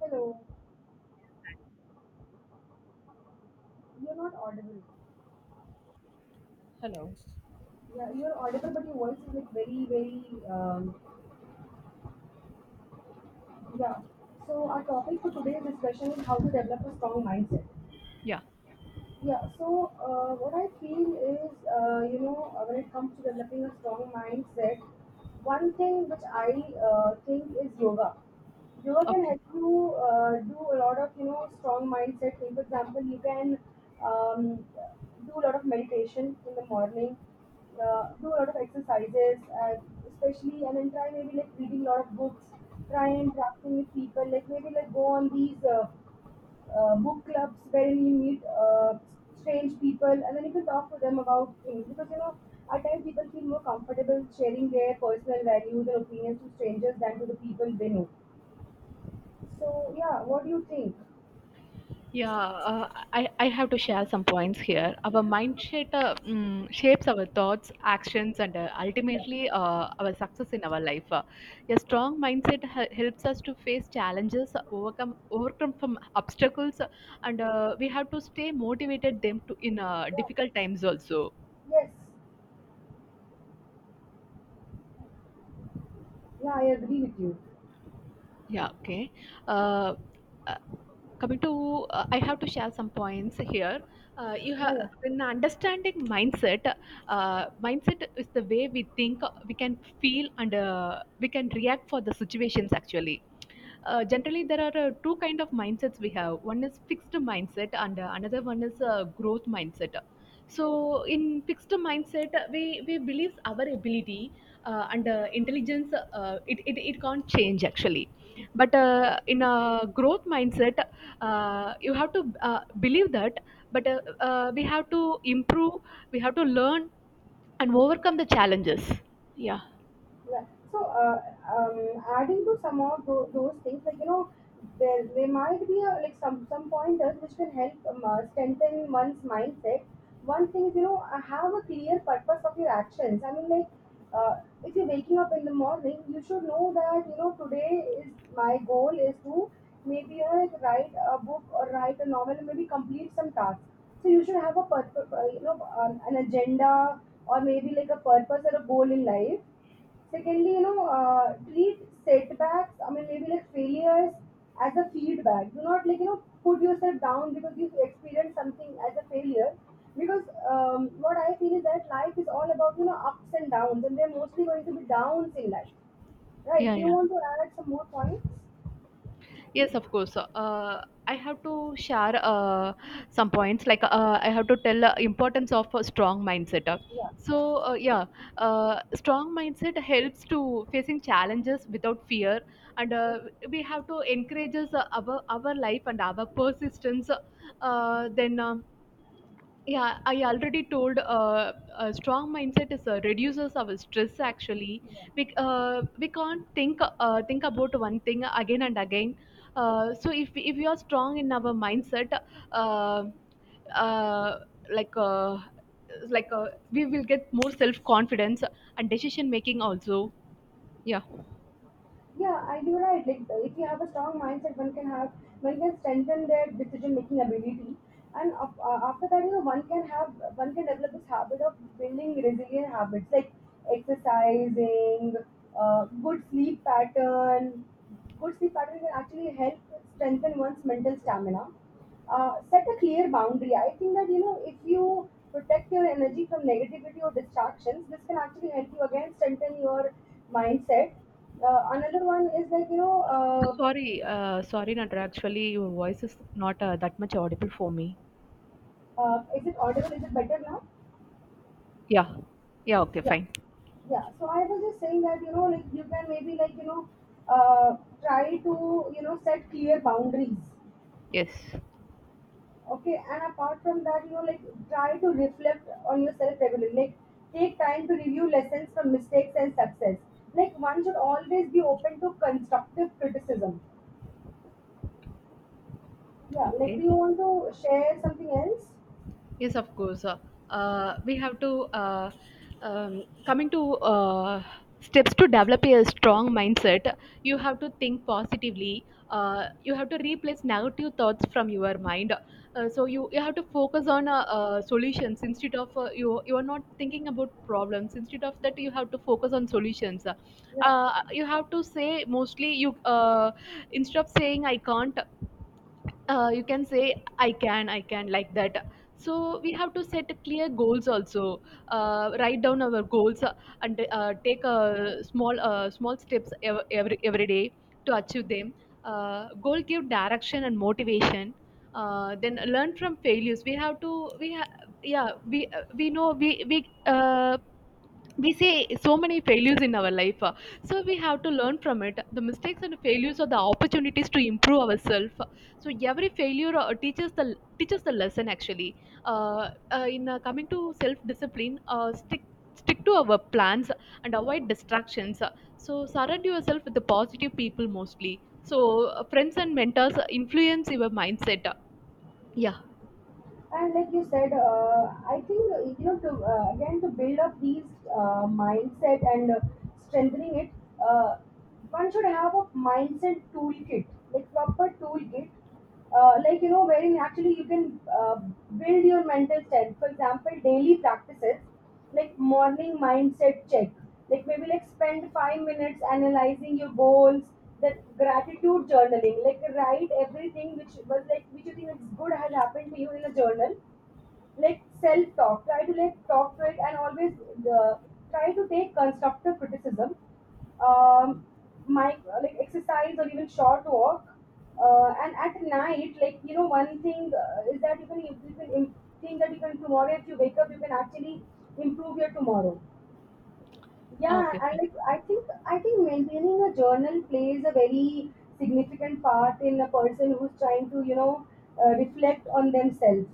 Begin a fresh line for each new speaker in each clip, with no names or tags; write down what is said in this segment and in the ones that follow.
Hello. You're not audible.
Hello.
Yeah, you're audible, but your voice is like very, very. Um, yeah. So our topic for today's discussion is how to develop a strong mindset.
Yeah.
What I feel is, when it comes to developing a strong mindset, one thing which I think is yoga. Yoga can
Okay.
help you do a lot of, strong mindset thing. For example, you can um, do a lot of meditation in the morning, do a lot of exercises, especially, and then try maybe like reading a lot of books, try interacting with people, like maybe like go on these. Book clubs wherein you meet strange people, and then you can talk to them about things, because you know at times people feel more comfortable sharing their personal values and opinions to strangers than to the people they know. So yeah, what do you think?
Yeah. I have to share some points here. Our mind shape, shapes our thoughts, actions, and
Yeah.
ultimately our success in our life. A strong mindset helps us to face challenges, overcome from obstacles, and we have to stay motivated them to in
Yeah.
difficult times also.
Yes. Yeah, I agree with you.
Yeah. Okay. Uh, Coming to I have to share some points here, you
Yeah,
have
yeah.
in understanding mindset. Mindset is the way we think, we can feel and we can react for the situations actually. Generally there are two kind of mindsets we have. One is fixed mindset and another one is growth mindset. So in fixed mindset we believe our ability and intelligence it can't change actually. But in a growth mindset you have to believe that. But we have to improve, we have to learn and overcome the challenges. Yeah.
Yeah. So, uh, um, adding to some of those things, like you know, there might be a, like some pointers which will help strengthen one's mindset. One thing is, you know, have a clear purpose of your actions. I mean, like, uh, if you're waking up in the morning, you should know that you know today is my goal is to maybe you know, like write a book or write a novel, and maybe complete some task. So you should have a purpose, an agenda or maybe like a purpose or a goal in life. Secondly, you know, treat setbacks, I mean, maybe like failures, as a feedback. Do not like, you know, put yourself down because you experience something as a failure. Because what I feel is that life is all about, you know, ups and downs, and they're mostly going to be downs in life, right? Do you
Yeah.
want to add some more points?
Yes, of course. I have to share some points. Like I have to tell importance of a strong mindset.
Yeah.
So yeah, strong mindset helps to facing challenges without fear, and we have to encourage us, our life and our persistence. Then. Yeah, I already told a strong mindset is reduces our stress actually. We can't think about one thing again and again. So if we are strong in our mindset, uh, uh, like uh, like uh, we will get more self confidence and decision making also. Yeah.
Yeah, I do right. Like if you have a strong mindset, one can have one can strengthen their decision making ability, and after that, you know, one can have one can develop this habit of building resilient habits like exercising, good sleep pattern. Good sleep pattern can actually help strengthen one's mental stamina. Set a clear boundary. I think that you know if you protect your energy from negativity or distractions, this can actually help you again strengthen your mindset. Another one is like you know,
Sorry, sorry, Nandra. Actually, your voice is not that much audible for me.
is it audible? Is it better now?
Yeah. Yeah. Okay.
Yeah,
Fine.
yeah. So I was just saying that you know, like you can maybe like you know, uh, try to you know set clear boundaries.
Yes.
Okay, and apart from that, you know, like try to reflect on yourself regularly. Like take time to review lessons from mistakes and success. Like one should always be open to constructive criticism. Yeah, like do you
Okay.
want to share something else?
Yes, of course. We have to coming to steps to develop a strong mindset. You have to think positively. You have to replace negative thoughts from your mind. So you have to focus on solutions instead of you are not thinking about problems. Instead of that, you have to focus on solutions.
Yeah.
You have to say mostly you, instead of saying I can't, you can say I can, I can, like that. So we have to set clear goals also. Write down our goals and take small steps every day to achieve them. Goal give direction and motivation. Then learn from failures. We have to we ha- yeah, we know we see so many failures in our life. So we have to learn from it. The mistakes and failures are the opportunities to improve ourselves. So every failure teaches the lesson actually. Uh, in Coming to self discipline, stick to our plans and avoid distractions. So surround yourself with the positive people mostly. So friends and mentors influence your mindset. Yeah.
And like you said, I think you know to again to build up these, mindset, and strengthening it, uh, one should have a mindset toolkit, like proper toolkit. Like you know wherein actually you can uh, build your mental strength, for example daily practices like morning mindset check, like maybe like spend 5 minutes analyzing your goals, then gratitude journaling, like write everything which was like which you think it's good has happened to you in a journal, like self-talk. Try to like talk to it, and always uh, try to take constructive criticism. Um, my like exercise or even short walk. And at night, like you know, one thing is that you can think that you can tomorrow if you wake up, you can actually improve your tomorrow.
Okay,
Yeah, and
fine.
like I think I think maintaining a journal plays a very significant part in a person who's trying to you know reflect on themselves.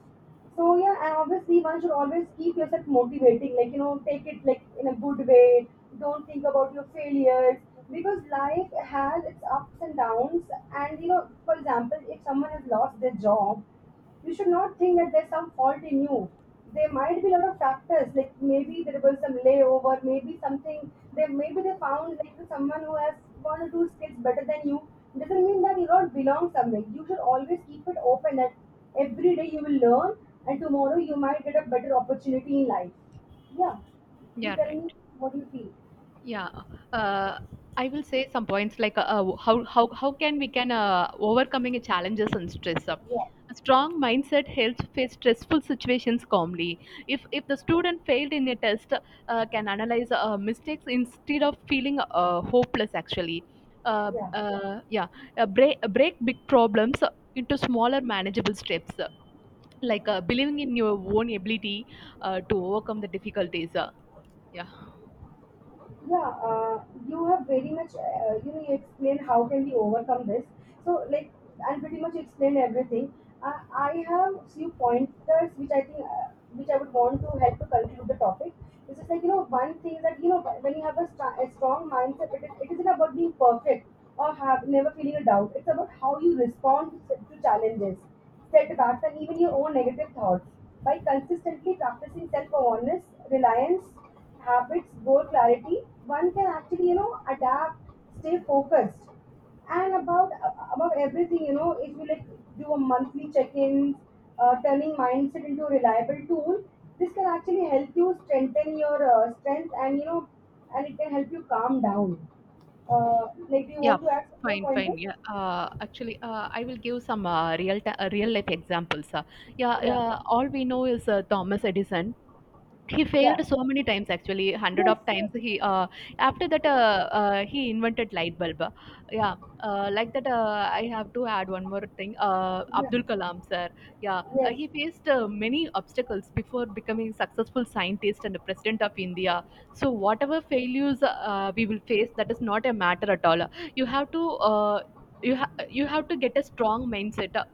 So yeah, and obviously one should always keep yourself motivating, like you know take it like in a good way. Don't think about your failures, because life has its ups and downs. And you know, for example, if someone has lost their job, you should not think that there's some fault in you. There might be a lot of factors, like maybe there was some layover, maybe something they maybe they found like someone who has one or two skills better than you. Doesn't mean that you don't belong somewhere. You should always keep it open that every day you will learn, and tomorrow you might get a better opportunity in life. Yeah. You
Yeah,
tell
right.
me what you feel?
Yeah, uh, I will say some points like how can we can overcoming challenges and stress.
Yeah.
A strong mindset helps face stressful situations calmly. If the student failed in a test, can analyze mistakes instead of feeling hopeless. Actually,
Yeah.
yeah, break big problems into smaller manageable steps, believing in your own ability to overcome the difficulties. Yeah.
yeah uh, you have very much you know you explain how can we overcome this. So like, and pretty much explain everything. uh, I have few pointers which I think which I would want to help to conclude the topic. This is like you know one thing that you know when you have a, a strong mindset, it isn't about being perfect or have never feeling a doubt. It's about how you respond to challenges, setbacks, and even your own negative thoughts. By consistently practicing self-awareness, reliance, habits, goal clarity, one can actually, you know, adapt, stay focused. And about everything, you know, if you like do a monthly check-in, turning mindset into a reliable tool, this can actually help you strengthen your strength, and you know, and it can help you calm down. Like, do you
Yeah,
want to add some more
fine, fine.
pointers?
Yeah, actually, I will give some real life examples. Yeah,
Yeah,
all we know is Thomas Edison. He failed
yeah,
so many times, actually hundred of
yes. Yes.
times he after that he invented light bulb. Yeah. Like that, I have to add one more thing,
Yeah.
Abdul Kalam sir. Yeah.
Yes.
He faced many obstacles before becoming successful scientist and president of India. So whatever failures we will face, that is not a matter at all. You have to uh, you, ha- you have to get a strong mindset.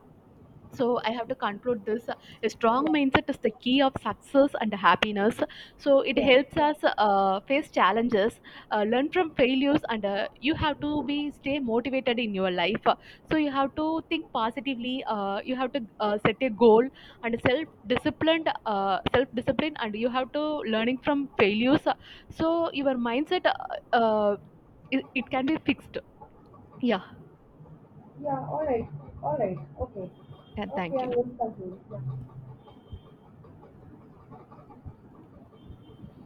So I have to conclude this. A strong
Yeah.
mindset is the key of success and happiness. So it
Yeah.
helps us face challenges, learn from failures, and you have to be stay motivated in your life. So you have to think positively, you have to set a goal and self disciplined, self discipline, and you have to learning from failures. So your mindset uh, it can be fixed. Yeah.
Yeah. All right. All right. Okay.
And
Okay.
thank
I'm
you.
going to continue. Yeah.